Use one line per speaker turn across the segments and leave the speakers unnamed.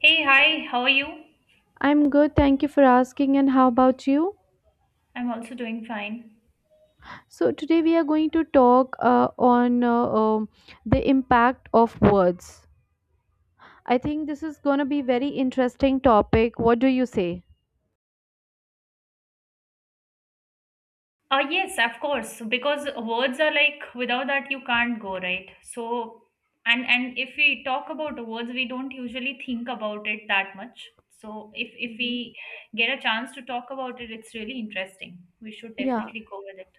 Hey, hi, how are you?
I'm good, thank you for asking. And how about you?
I'm also doing fine.
So, today we are going to talk on the impact of words. I think this is going to be very interesting topic. What do you say?
Yes, of course, because words are like without that you can't go, right? So, and if we talk about words, we don't usually think about it that much. So, if
Mhm.
we get a chance to talk about it, it's really interesting. We should
Yeah,
definitely go with it.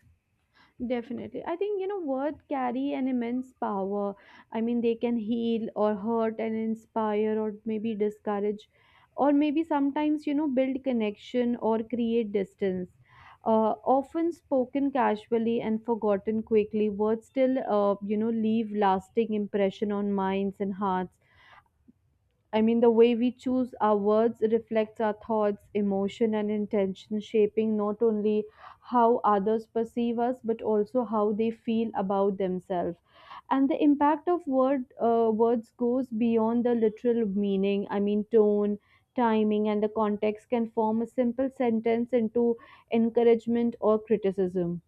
definitely. I think, you know, words carry an immense power. I mean, they can heal or hurt and inspire or maybe discourage or maybe sometimes, you know, build connection or create distance. Often spoken casually and forgotten quickly, words still, you know, leave lasting impression on minds and hearts. I mean, the way we choose our words reflects our thoughts, emotion, and intention, shaping not only how others perceive us but also how they feel about themselves. And the impact of words goes beyond the literal meaning. I mean, tone, timing, and the context can form a simple sentence into encouragement or criticism.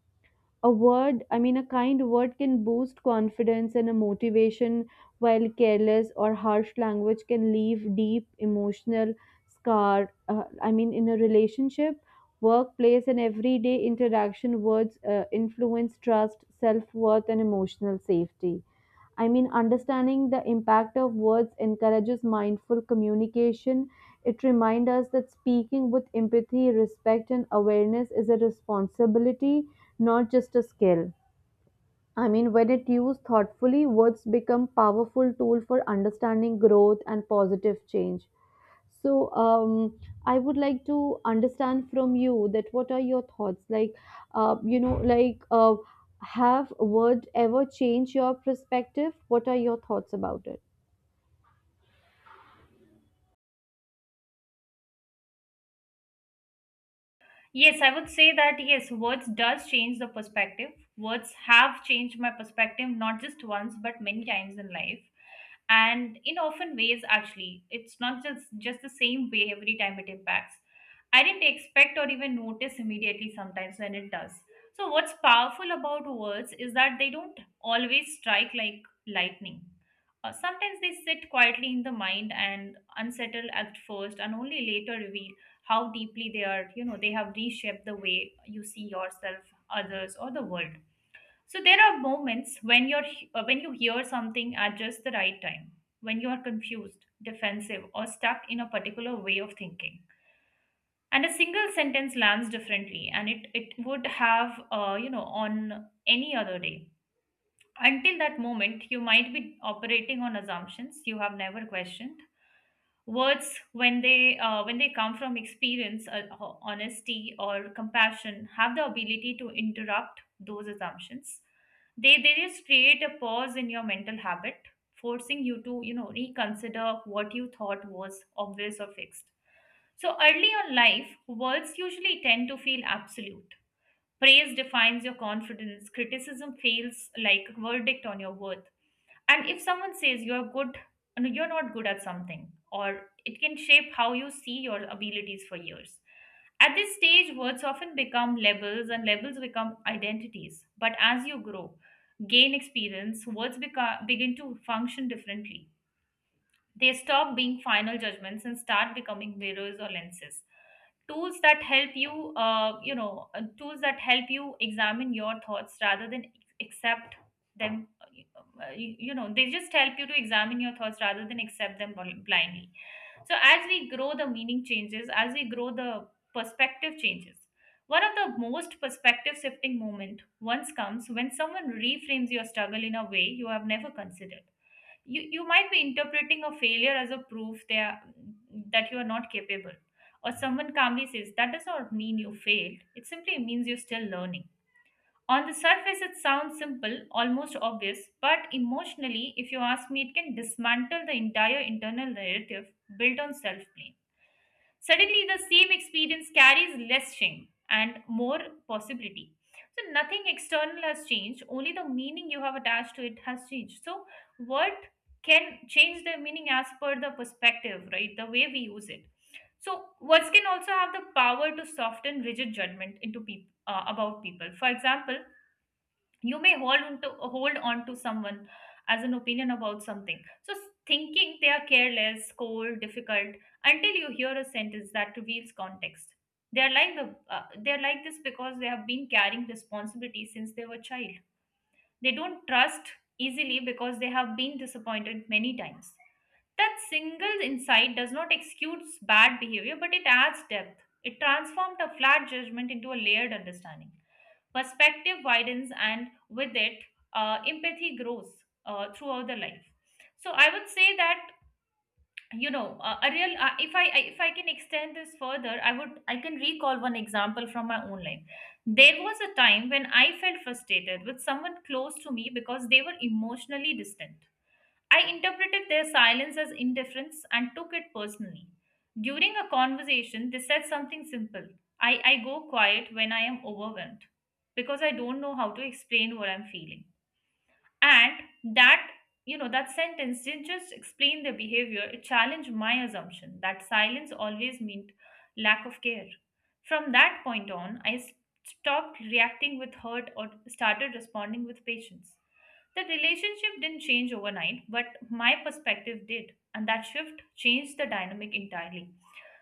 A word I mean a kind word can boost confidence and a motivation, while careless or harsh language can leave deep emotional scar. I mean in a relationship, workplace and everyday interaction, words influence trust, self-worth and emotional safety. I mean, understanding the impact of words encourages mindful communication. It reminds us that speaking with empathy, respect, and awareness is a responsibility, not just a skill. I mean, when it used thoughtfully, words become powerful tool for understanding growth and positive change. So, I would like to understand from you that what are your thoughts? Like, have word ever changed your perspective? What are your thoughts about it?
Yes, I would say that yes, words does change the perspective. Words have changed my perspective not just once but many times in life. And in often ways actually. It's not just the same way every time it impacts. I didn't expect or even notice immediately sometimes when it does. So what's powerful about words is that they don't always strike like lightning. Sometimes they sit quietly in the mind and unsettle at first and only later reveal how deeply they are, they have reshaped the way you see yourself, others, or the world. So there are moments when you're when you hear something at just the right time, when you are confused, defensive, or stuck in a particular way of thinking, and a single sentence lands differently, and it would have, on any other day. Until that moment you might be operating on assumptions you have never questioned. Words, when they come from experience, honesty, or compassion, have the ability to interrupt those assumptions. They just create a pause in your mental habit, forcing you to, reconsider what you thought was obvious or fixed. So early on life, words usually tend to feel absolute. Praise defines your confidence. Criticism feels like a verdict on your worth, and if someone says you're good, no, you're not good at something, or it can shape how you see your abilities for years. At this stage words often become labels and labels become identities, but as you grow, gain experience, words become, begin to function differently. They stop being final judgments and start becoming mirrors or lenses. Tools that help you, tools that help you examine your thoughts rather than accept them. You know, they just help you to examine your thoughts rather than accept them blindly. So as we grow, the meaning changes. As we grow, the perspective changes. One of the most perspective shifting moment once comes when someone reframes your struggle in a way you have never considered. You might be interpreting a failure as a proof that you are not capable, or someone calmly says that does not mean you failed, it simply means you're still learning. On the surface it sounds simple, almost obvious, but emotionally, if you ask me, it can dismantle the entire internal narrative built on self blame. Suddenly, the same experience carries less shame and more possibility. So, nothing external has changed, only the meaning you have attached to it has changed. So, what can change the meaning as per the perspective, right? The way we use it. So, words can also have the power to soften rigid judgment into people, about people. For example, you may hold on to someone as an opinion about something, thinking they are careless, cold, difficult, until you hear a sentence that reveals context. they are like the they are like this because they have been carrying responsibility since they were child, they don't trust easily because they have been disappointed many times. That single insight does not excuse bad behavior, but it adds depth. It transformed a flat judgment into a layered understanding. Perspective widens, and with it, empathy grows throughout the life. So I would say that, a real. If if I can extend this further, I can recall one example from my own life. There was a time when I felt frustrated with someone close to me because they were emotionally distant. I interpreted their silence as indifference and took it personally. During a conversation, they said something simple. I go quiet when I am overwhelmed because I don't know how to explain what I'm feeling. And that, that sentence didn't just explain their behavior, it challenged my assumption that silence always meant lack of care. From that point on, stopped reacting with hurt or started responding with patience. The relationship didn't change overnight, but my perspective did. And that shift changed the dynamic entirely.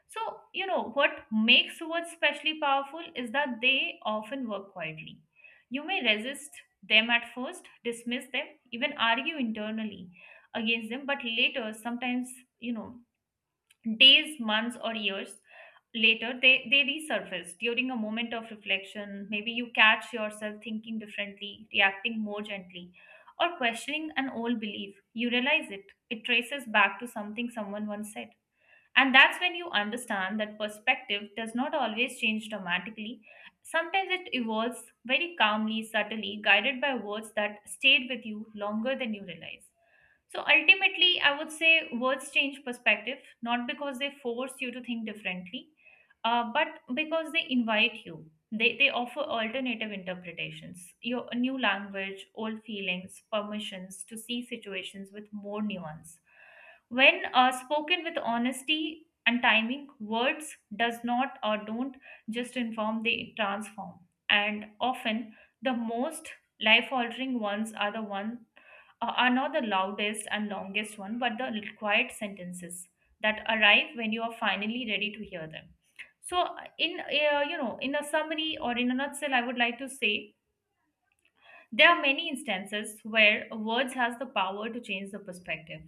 So, what makes words especially powerful is that they often work quietly. You may resist them at first, dismiss them, even argue internally against them, but later, sometimes, you know, days, months, or years later, they resurface during a moment of reflection. Maybe you catch yourself thinking differently, reacting more gently, or questioning an old belief. You realize it. It traces back to something someone once said. And that's when you understand that perspective does not always change dramatically. Sometimes it evolves very calmly, subtly, guided by words that stayed with you longer than you realize. So ultimately, I would say words change perspective, not because they force you to think differently, but because they invite you. They offer alternative interpretations, your a new language, old feelings, permissions to see situations with more nuance. When spoken with honesty and timing, words does not or don't just inform, they transform. And often the most life altering ones are the one, are not the loudest and longest one, but the quiet sentences that arrive when you are finally ready to hear them. So, in a summary or in a nutshell, I would like to say there are many instances where words has the power to change the perspective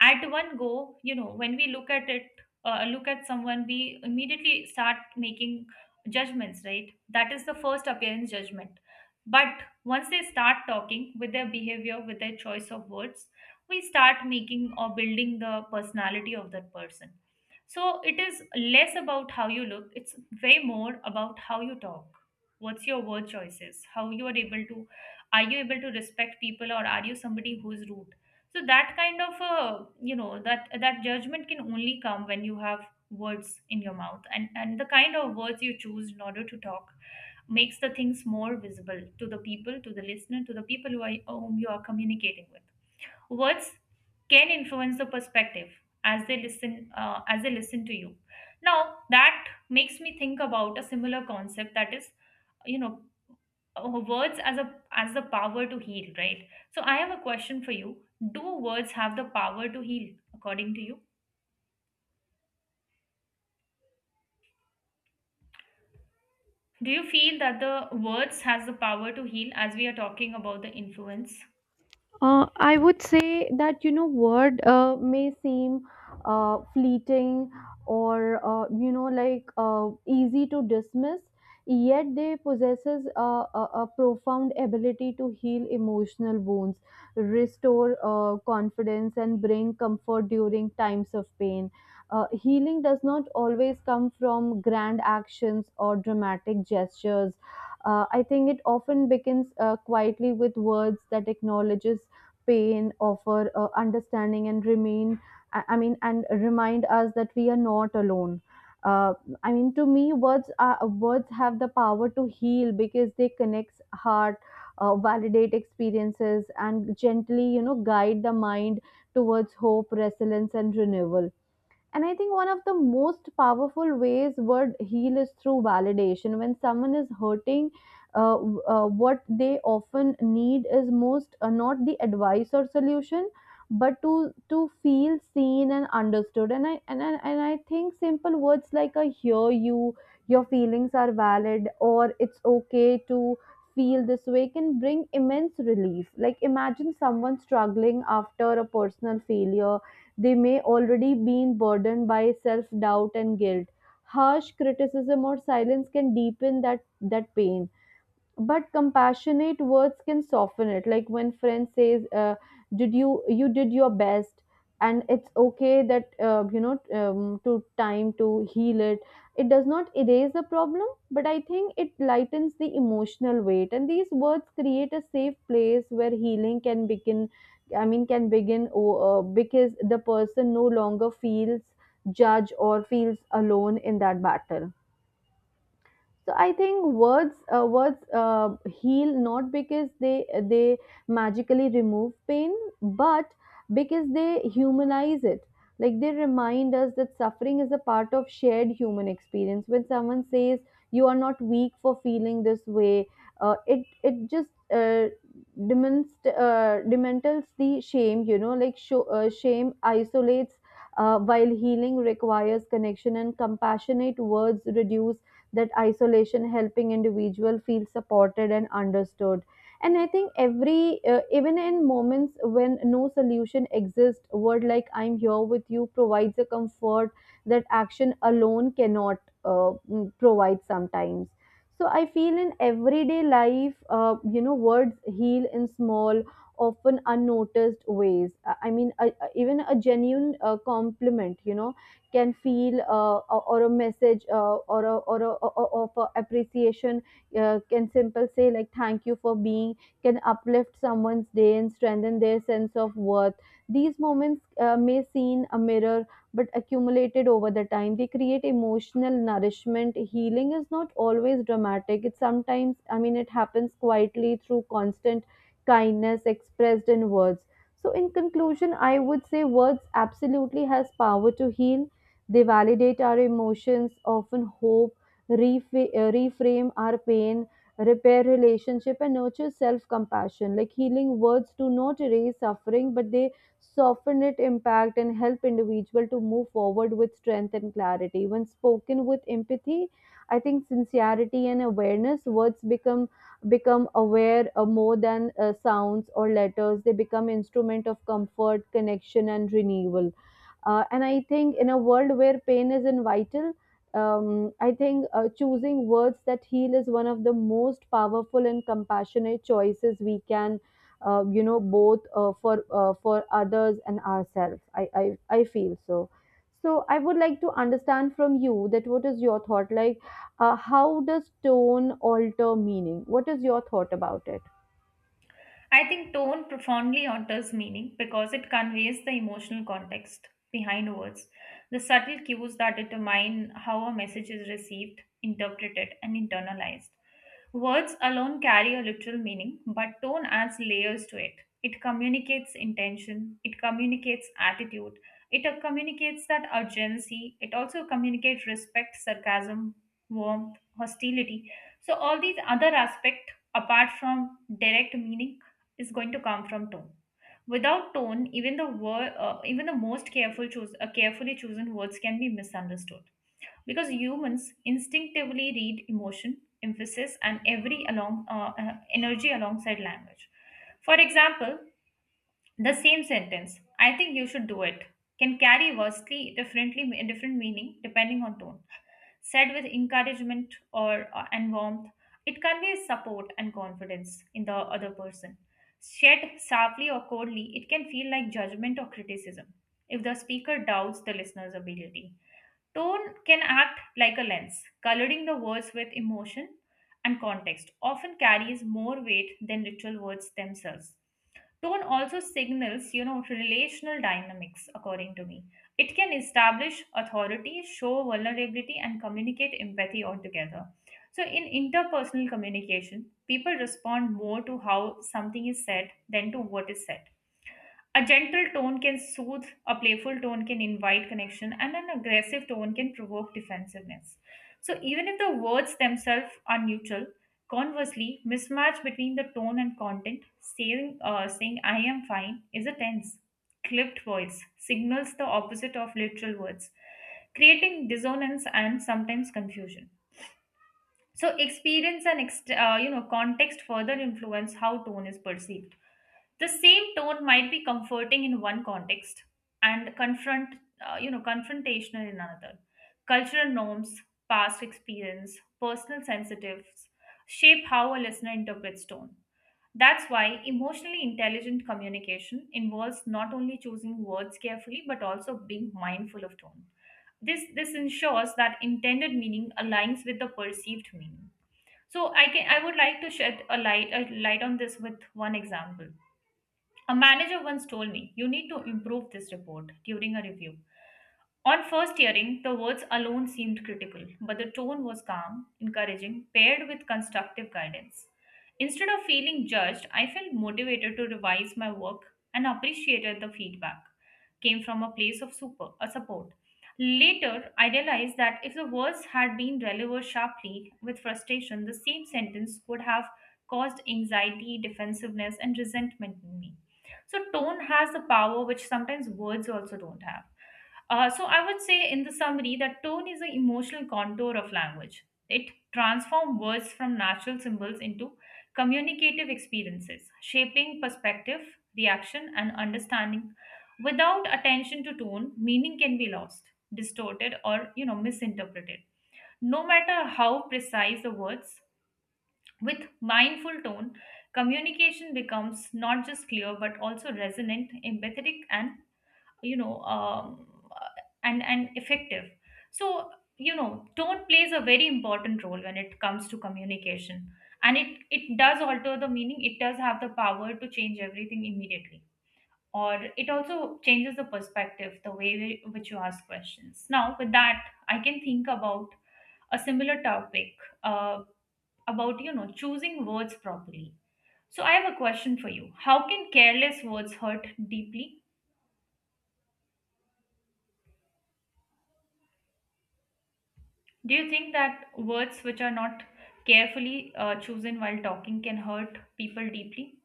at one go. When we look at it, look at someone, we immediately start making judgments, right? That is the first appearance judgment. But once they start talking with their behavior, with their choice of words, we start making or building the personality of that person. So it is less about how you look, it's way more about how you talk. What's your word choices, how you are able to, are you able to respect people, or are you somebody who's rude? So that kind of, that judgment can only come when you have words in your mouth, and the kind of words you choose in order to talk makes the things more visible to the people, to the listener, to the people who are, whom you are communicating with. Words can influence the perspective as they listen, as they listen to you. Now that makes me think about a similar concept, that is, you know words as a, as the power to heal, right? So I have a question for you. Do words have the power to heal, according to you? Do you feel that the words has the power to heal, as we are talking about the influence?
I would say that you know word may seem fleeting or easy to dismiss, yet they possesses a profound ability to heal emotional wounds, restore confidence, and bring comfort during times of pain. Healing does not always come from grand actions or dramatic gestures. I think it often begins quietly with words that acknowledges pain, offer understanding, and remain. And remind us that we are not alone. Uh, I mean, to me, words have the power to heal because they connect heart, validate experiences, and gently, you know, guide the mind towards hope, resilience, and renewal. And I think one of the most powerful ways word heal is through validation. When someone is hurting, what they often need is most not the advice or solution, but to feel seen and understood. And I think simple words like "I hear you," "Your feelings are valid," or "It's okay to" feel this way can bring immense relief. Like imagine someone struggling after a personal failure, they may already be burdened by self doubt and guilt. Harsh criticism or silence can deepen that pain, but compassionate words can soften it. Like when friend says, did you did your best and it's okay that, you know, to time to heal it. It does not erase the problem, but I think it lightens the emotional weight, and these words create a safe place where healing can begin. Because the person no longer feels judged or feels alone in that battle. So I think words heal not because they magically remove pain, but because they humanize it. Like they remind us that suffering is a part of shared human experience. When someone says, "You are not weak for feeling this way," it just uh, demantles the shame. You know, like shame isolates, while healing requires connection, and compassionate words reduce that isolation, helping individual feel supported and understood. And I think every even in moments when no solution exists, word like "I'm here with you" provides a comfort that action alone cannot, provide sometimes. So I feel in everyday life, you know, words heal in small, often unnoticed ways. Even a genuine compliment, you know, can feel or a message or a, or a, or or for appreciation, can simple say like "thank you for being" can uplift someone's day and strengthen their sense of worth. These moments may seem a mirror, but accumulated over the time they create emotional nourishment. Healing is not always dramatic; it sometimes, I mean, it happens quietly through constant kindness expressed in words. So in conclusion, I would say words absolutely has power to heal. They validate our emotions, often hope, reframe our pain, repair relationship, and nurture self compassion. Like healing words do not erase suffering, but they soften its impact and help individual to move forward with strength and clarity. When spoken with empathy, I think sincerity and awareness, words become become aware more than sounds or letters. They become instrument of comfort, connection, and renewal. And I think in a world where pain is vital, I think choosing words that heal is one of the most powerful and compassionate choices we can, you know, both for for others and ourselves. I feel so. So I would like to understand from you that what is your thought like? How does tone alter meaning? What is your thought about it?
I think tone profoundly alters meaning because it conveys the emotional context behind words, the subtle cues that determine how a message is received, interpreted, and internalized. Words alone carry a literal meaning, but tone adds layers to it. It communicates intention, it communicates attitude, it communicates that urgency, it also communicates respect, sarcasm, warmth, hostility. So, all these other aspects, apart from direct meaning, is going to come from tone. Without tone, even the even the most carefully chosen words can be misunderstood because humans instinctively read emotion, emphasis, and every along energy alongside language. For example, the same sentence, "I think you should do it," can carry vastly differently different meaning depending on tone. Said with encouragement, or and warmth, it conveys support and confidence in the other person. Said sharply or coldly, it can feel like judgment or criticism if the speaker doubts the listener's ability. Tone can act like a lens, coloring the words with emotion, and context, often carries more weight than literal words themselves. Tone also signals, relational dynamics, according to me. It can establish authority, show vulnerability, and communicate empathy altogether. So, in interpersonal communication, people respond more to how something is said than to what is said. A gentle tone can soothe, a playful tone can invite connection, and an aggressive tone can provoke defensiveness. So, even if the words themselves are neutral, conversely, mismatch between the tone and content, saying, saying I am fine is a tense, clipped voice, signals the opposite of literal words, creating dissonance and sometimes confusion. So, experience and context further influence how tone is perceived. The same tone might be comforting in one context and confrontational in another. Cultural norms, past experience, personal sensitives shape how a listener interprets tone. That's why emotionally intelligent communication involves not only choosing words carefully but also being mindful of tone. This ensures that intended meaning aligns with the perceived meaning. So I would like to shed a light on this with one example. A manager once told me, You need to improve this report during a review. On first hearing, the words alone seemed critical, but the tone was calm, encouraging, paired with constructive guidance. Instead of feeling judged, I felt motivated to revise my work and appreciated the feedback. Came from a place of super a support. Later, I realized that if the words had been delivered sharply with frustration, the same sentence could have caused anxiety, defensiveness, and resentment in me. So, tone has the power which sometimes words also don't have. So I would say in the summary that tone is an emotional contour of language. It transforms words from natural symbols into communicative experiences, shaping perspective, reaction, and understanding. Without attention to tone, meaning can be lost, distorted, or misinterpreted. No matter how precise the words, with mindful tone, communication becomes not just clear but also resonant, empathetic, and you know um, and effective. So, tone plays a very important role when it comes to communication, and it does alter the meaning. It does have the power to change everything immediately, or it also changes the perspective, the way in which you ask questions. Now with that, I can think about a similar topic, uh, about choosing words properly. So I have a question for you. How can careless words hurt deeply? Do you think that words which are not carefully chosen while talking can hurt people deeply?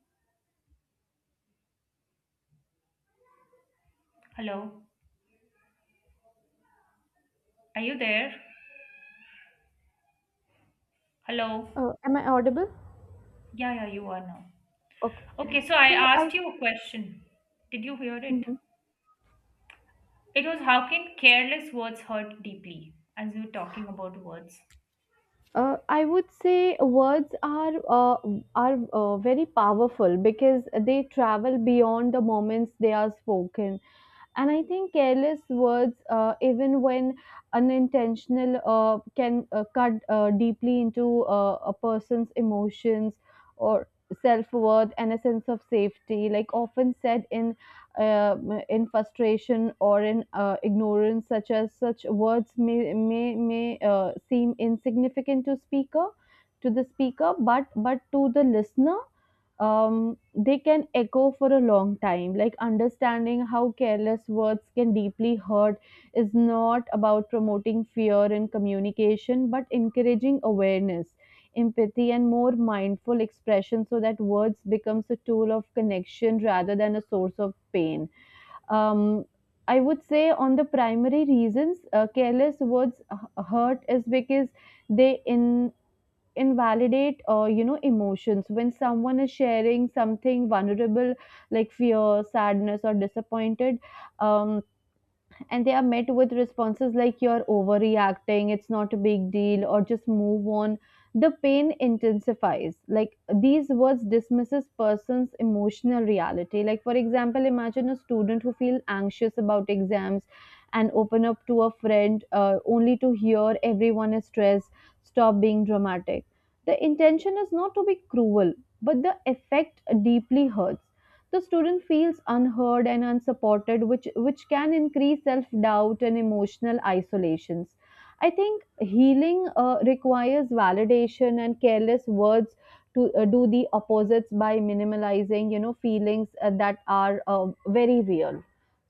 Hello, are you there? Hello,
Am I audible?
yeah, yeah, you are now.
Okay.
Okay, so I
So I.
asked you a question. Did you hear it?
Hmm.
It was how can careless words hurt deeply, as we were talking about words?
I would say words are very powerful because they travel beyond the moments they are spoken. And I think careless words, even when unintentional, can cut deeply into a person's emotions or self-worth and a sense of safety. Like often said uh, in frustration or in ignorance, such as such words may seem insignificant to speaker, to the speaker but to the listener, they can echo for a long time. Like understanding how careless words can deeply hurt is not about promoting fear in communication, but encouraging awareness, empathy, and more mindful expression so that words becomes a tool of connection rather than a source of pain. Um, I would say on the primary reasons careless words hurt is because they in invalidate, you know, emotions. When someone is sharing something vulnerable, like fear, sadness or disappointed, um, and they are met with responses like "you're overreacting, it's not a big deal, or just move on," the pain intensifies. Like these words dismisses person's emotional reality. Like for example, imagine a student who feels anxious about exams and open up to a friend, only to hear "everyone is stressed, stop being dramatic." The intention is not to be cruel, but the effect deeply hurts. The student feels unheard and unsupported, which can increase self doubt and emotional isolations. I think healing requires validation, and careless words to do the opposites by minimalizing, you know, feelings that are very real.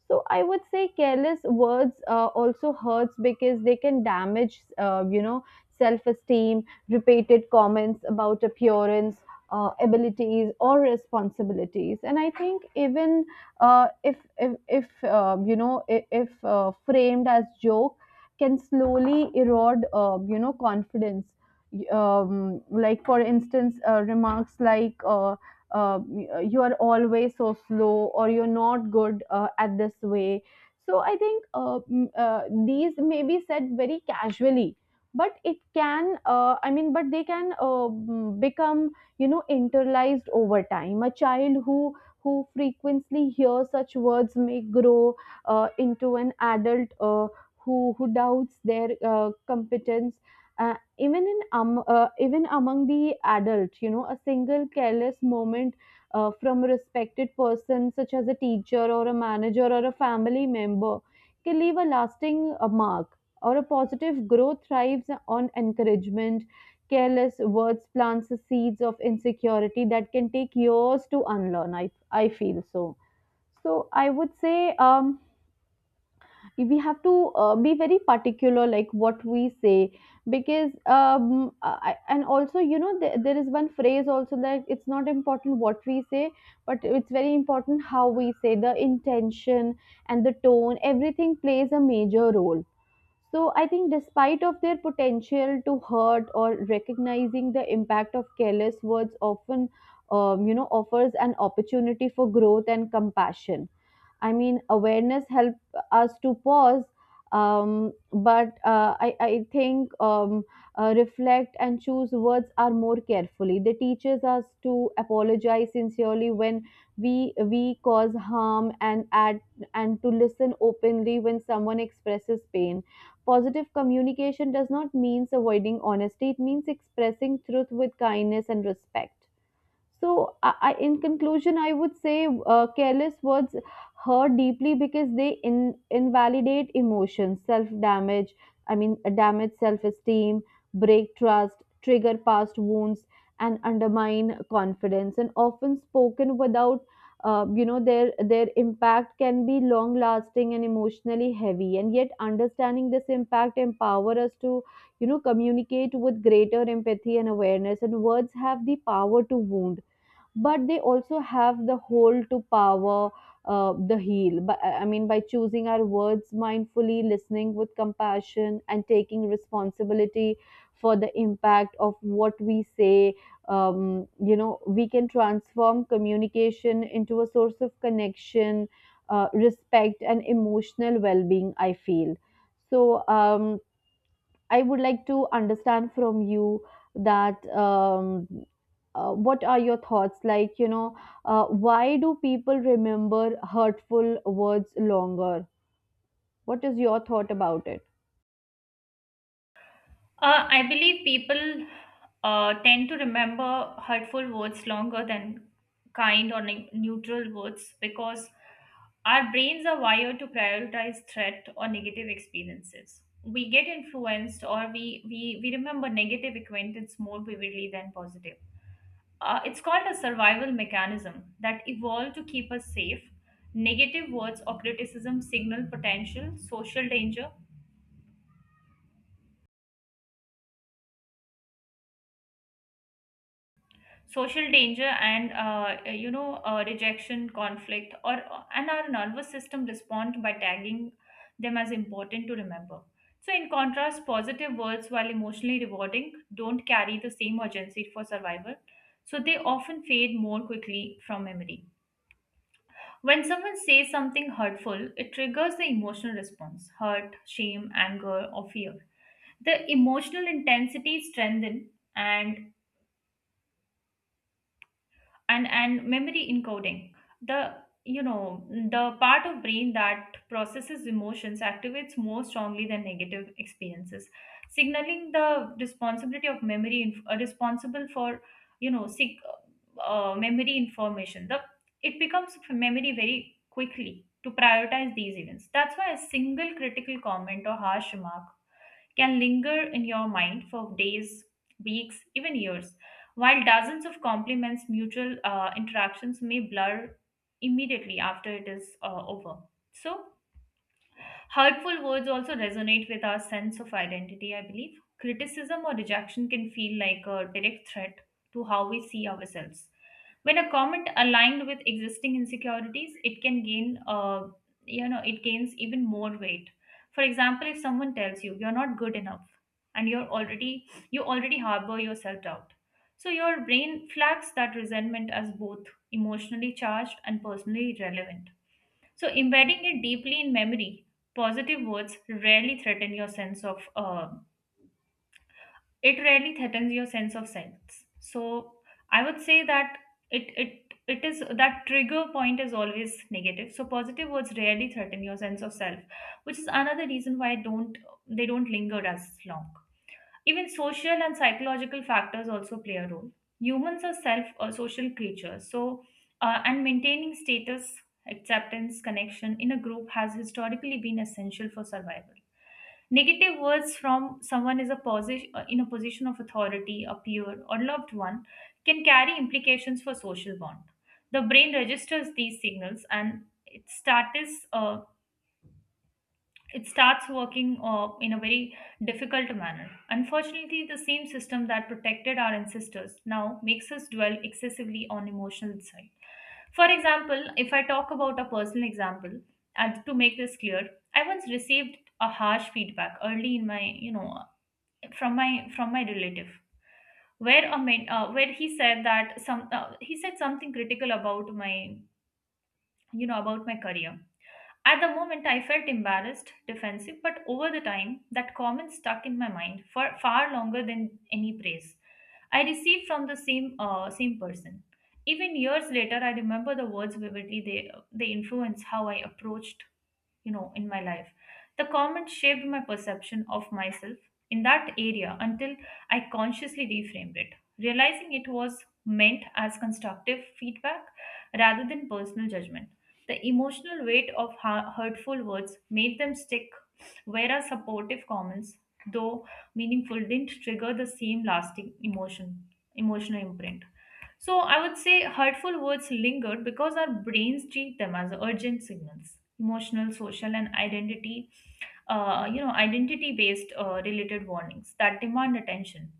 So I would say careless words also hurts because they can damage, you know, self esteem. Repeated comments about appearance, abilities or responsibilities, and I think even, if you know if framed as joke, can slowly erode, you know, confidence. Like for instance, remarks like, uh, "you are always so slow" or "you're not good at this way," so I think, these may be said very casually, but it can, I mean, but they can become, you know, internalized over time. A child who frequently hears such words may grow into an adult who doubts their competence. Even in, even among the adult, you know, a single careless moment, from a respected person such as a teacher or a manager or a family member, can leave a lasting mark, or a positive growth thrives on encouragement. Careless words plants the seeds of insecurity that can take years to unlearn, I feel so. So I would say, um we have to, be very particular like what we say, because, um, and also you know there is one phrase also that it's not important what we say, but it's very important how we say, the intention and the tone, everything plays a major role. So I think despite of their potential to hurt or recognizing the impact of careless words often, you know, offers an opportunity for growth and compassion. I mean, awareness help us to pause, I think, reflect and choose words are more carefully. They teaches us to apologize sincerely when we cause harm and add and to listen openly when someone expresses pain. Positive communication does not mean avoiding honesty; it means expressing truth with kindness and respect. So, in conclusion, I would say careless words hurt deeply because they invalidate emotions, self damage, I mean, damage self esteem, break trust, trigger past wounds, and undermine confidence. And often spoken without, you know, their impact can be long lasting and emotionally heavy, and yet understanding this impact empower us to, you know, communicate with greater empathy and awareness. And words have the power to wound, but they also have the hold to power, the heal. But, I mean, by choosing our words mindfully, listening with compassion, and taking responsibility for the impact of what we say, you know, we can transform communication into a source of connection, respect, and emotional well-being. I feel so. I would like to understand from you that, what are your thoughts? Like, you know, why do people remember hurtful words longer? What is your thought about it?
I believe people tend to remember hurtful words longer than kind or neutral words because our brains are wired to prioritize threat or negative experiences. We get influenced, or we remember negative acquaintance more vividly than positive. It's called a survival mechanism that evolved to keep us safe. Negative words or criticism signal potential social danger, and rejection, conflict, or and our nervous system respond by tagging them as important to remember. So in contrast, positive words, while emotionally rewarding, don't carry the same urgency for survival, so they often fade more quickly from memory. When someone says something hurtful, it triggers the emotional response: hurt, shame, anger, or fear. The emotional intensity strengthens and and memory encoding. The you know the part of brain that processes emotions activates more strongly than negative experiences, signaling the responsibility of memory responsible for memory information. The it becomes memory very quickly to prioritize these events. That's why a single critical comment or harsh remark can linger in your mind for days, weeks, even years, while dozens of compliments, mutual interactions may blur immediately after it is over. So, hurtful words also resonate with our sense of identity, I believe. Criticism or rejection can feel like a direct threat to how we see ourselves. When a comment aligned with existing insecurities, it can gain, it gains even more weight. For example, if someone tells you you're not good enough, and you already harbor your self doubt, so your brain flags that resentment as both emotionally charged and personally relevant, so embedding it deeply in memory. Positive words rarely threaten your sense of it rarely threatens your sense of sense. So, I would say that it it it is that trigger point is always negative. So, positive words rarely threaten your sense of self, which is another reason why don't they don't linger as long. Even social and psychological factors also play a role. Humans are self or social creatures, so and maintaining status, acceptance, connection in a group has historically been essential for survival. Negative words from someone is a position of authority, a peer, or loved one can carry implications for social bond. The brain registers these signals, and it starts working in a very difficult manner. Unfortunately, the same system that protected our ancestors now makes us dwell excessively on emotional side. For example, if I talk about a personal example, and to make this clear, I once received a harsh feedback early in my, from my relative, where a men, where he said that some he said something critical about my, about my career. At the moment, I felt embarrassed, defensive, but over the time, that comment stuck in my mind for far longer than any praise I received from the same same person. Even years later, I remember the words vividly. They influenced how I approached, in my life. The comment shaped my perception of myself in that area until I consciously reframed it, realizing it was meant as constructive feedback rather than personal judgment. The emotional weight of hurtful words made them stick, whereas supportive comments, though meaningful, didn't trigger the same lasting emotional imprint. So I would say hurtful words linger because our brains treat them as urgent signals. Emotional, social, and identity-based related warnings that demand attention.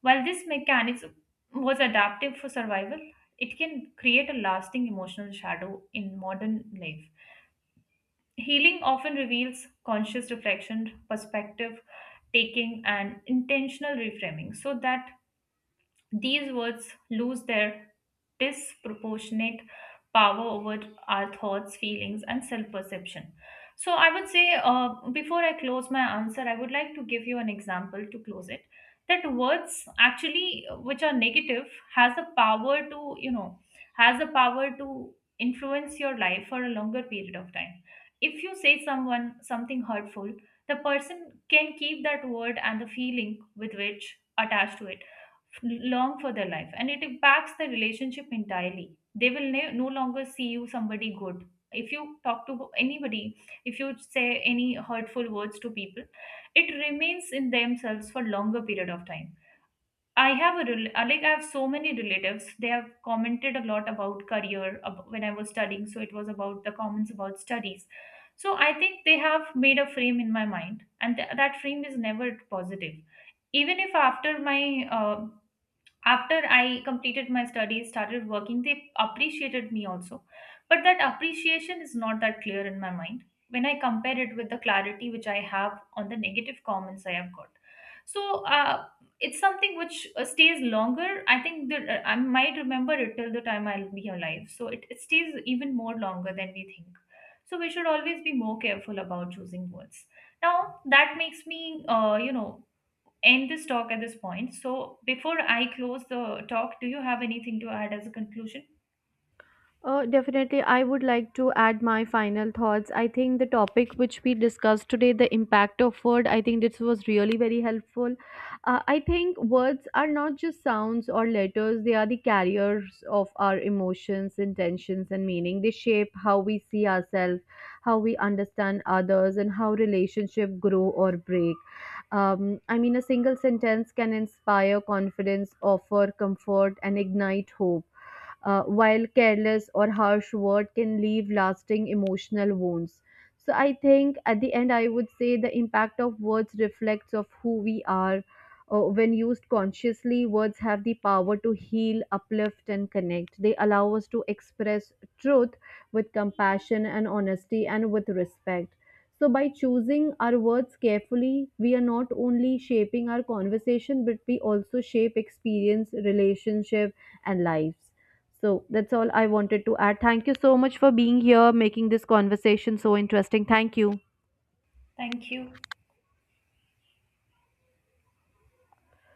While this mechanics was adaptive for survival, it can create a lasting emotional shadow in modern life. Healing often reveals conscious reflection, perspective taking, and intentional reframing, so that these words lose their disproportionate power over our thoughts, feelings, and self perception. So, I would say before I close my answer, I would like to give you an example to close it, that words actually which are negative has the power to you know has the power to influence your life for a longer period of time. If you say someone something hurtful, the person can keep that word and the feeling with which attached to it long for their life, and it impacts the relationship entirely. They will no longer see you somebody good. If you talk to anybody, if you say any hurtful words to people, it remains in themselves for longer period of time. I have a like I have so many relatives. They have commented a lot about career when I was studying, so it was about the comments about studies. So I think they have made a frame in my mind, and that frame is never positive. Even if after my uh, after I completed my studies, started working, they appreciated me also, but that appreciation is not that clear in my mind when I compare it with the clarity which I have on the negative comments I have got. So it's something which stays longer. I think that I might remember it till the time I'll be alive, so it stays even more longer than we think. So we should always be more careful about choosing words. Now that makes me end this talk at this point. So before I close the talk, do you have anything to add as a conclusion?
Definitely, I would like to add my final thoughts. I think the topic which we discussed today, the impact of word, I think this was really very helpful. I think words are not just sounds or letters, they are the carriers of our emotions, intentions, and meaning. They shape how we see ourselves, how we understand others, and how relationships grow or break. I mean, a single sentence can inspire confidence, offer comfort, and ignite hope, while careless or harsh word can leave lasting emotional wounds. So I think at the end I would say the impact of words reflects of who we are. When used consciously, words have the power to heal, uplift and connect. They allow us to express truth with compassion and honesty and with respect. So by choosing our words carefully, we are not only shaping our conversation but we also shape experience, relationship, and lives. So that's all I wanted to add. Thank you so much for being here, making this conversation so interesting. Thank you.
Thank you.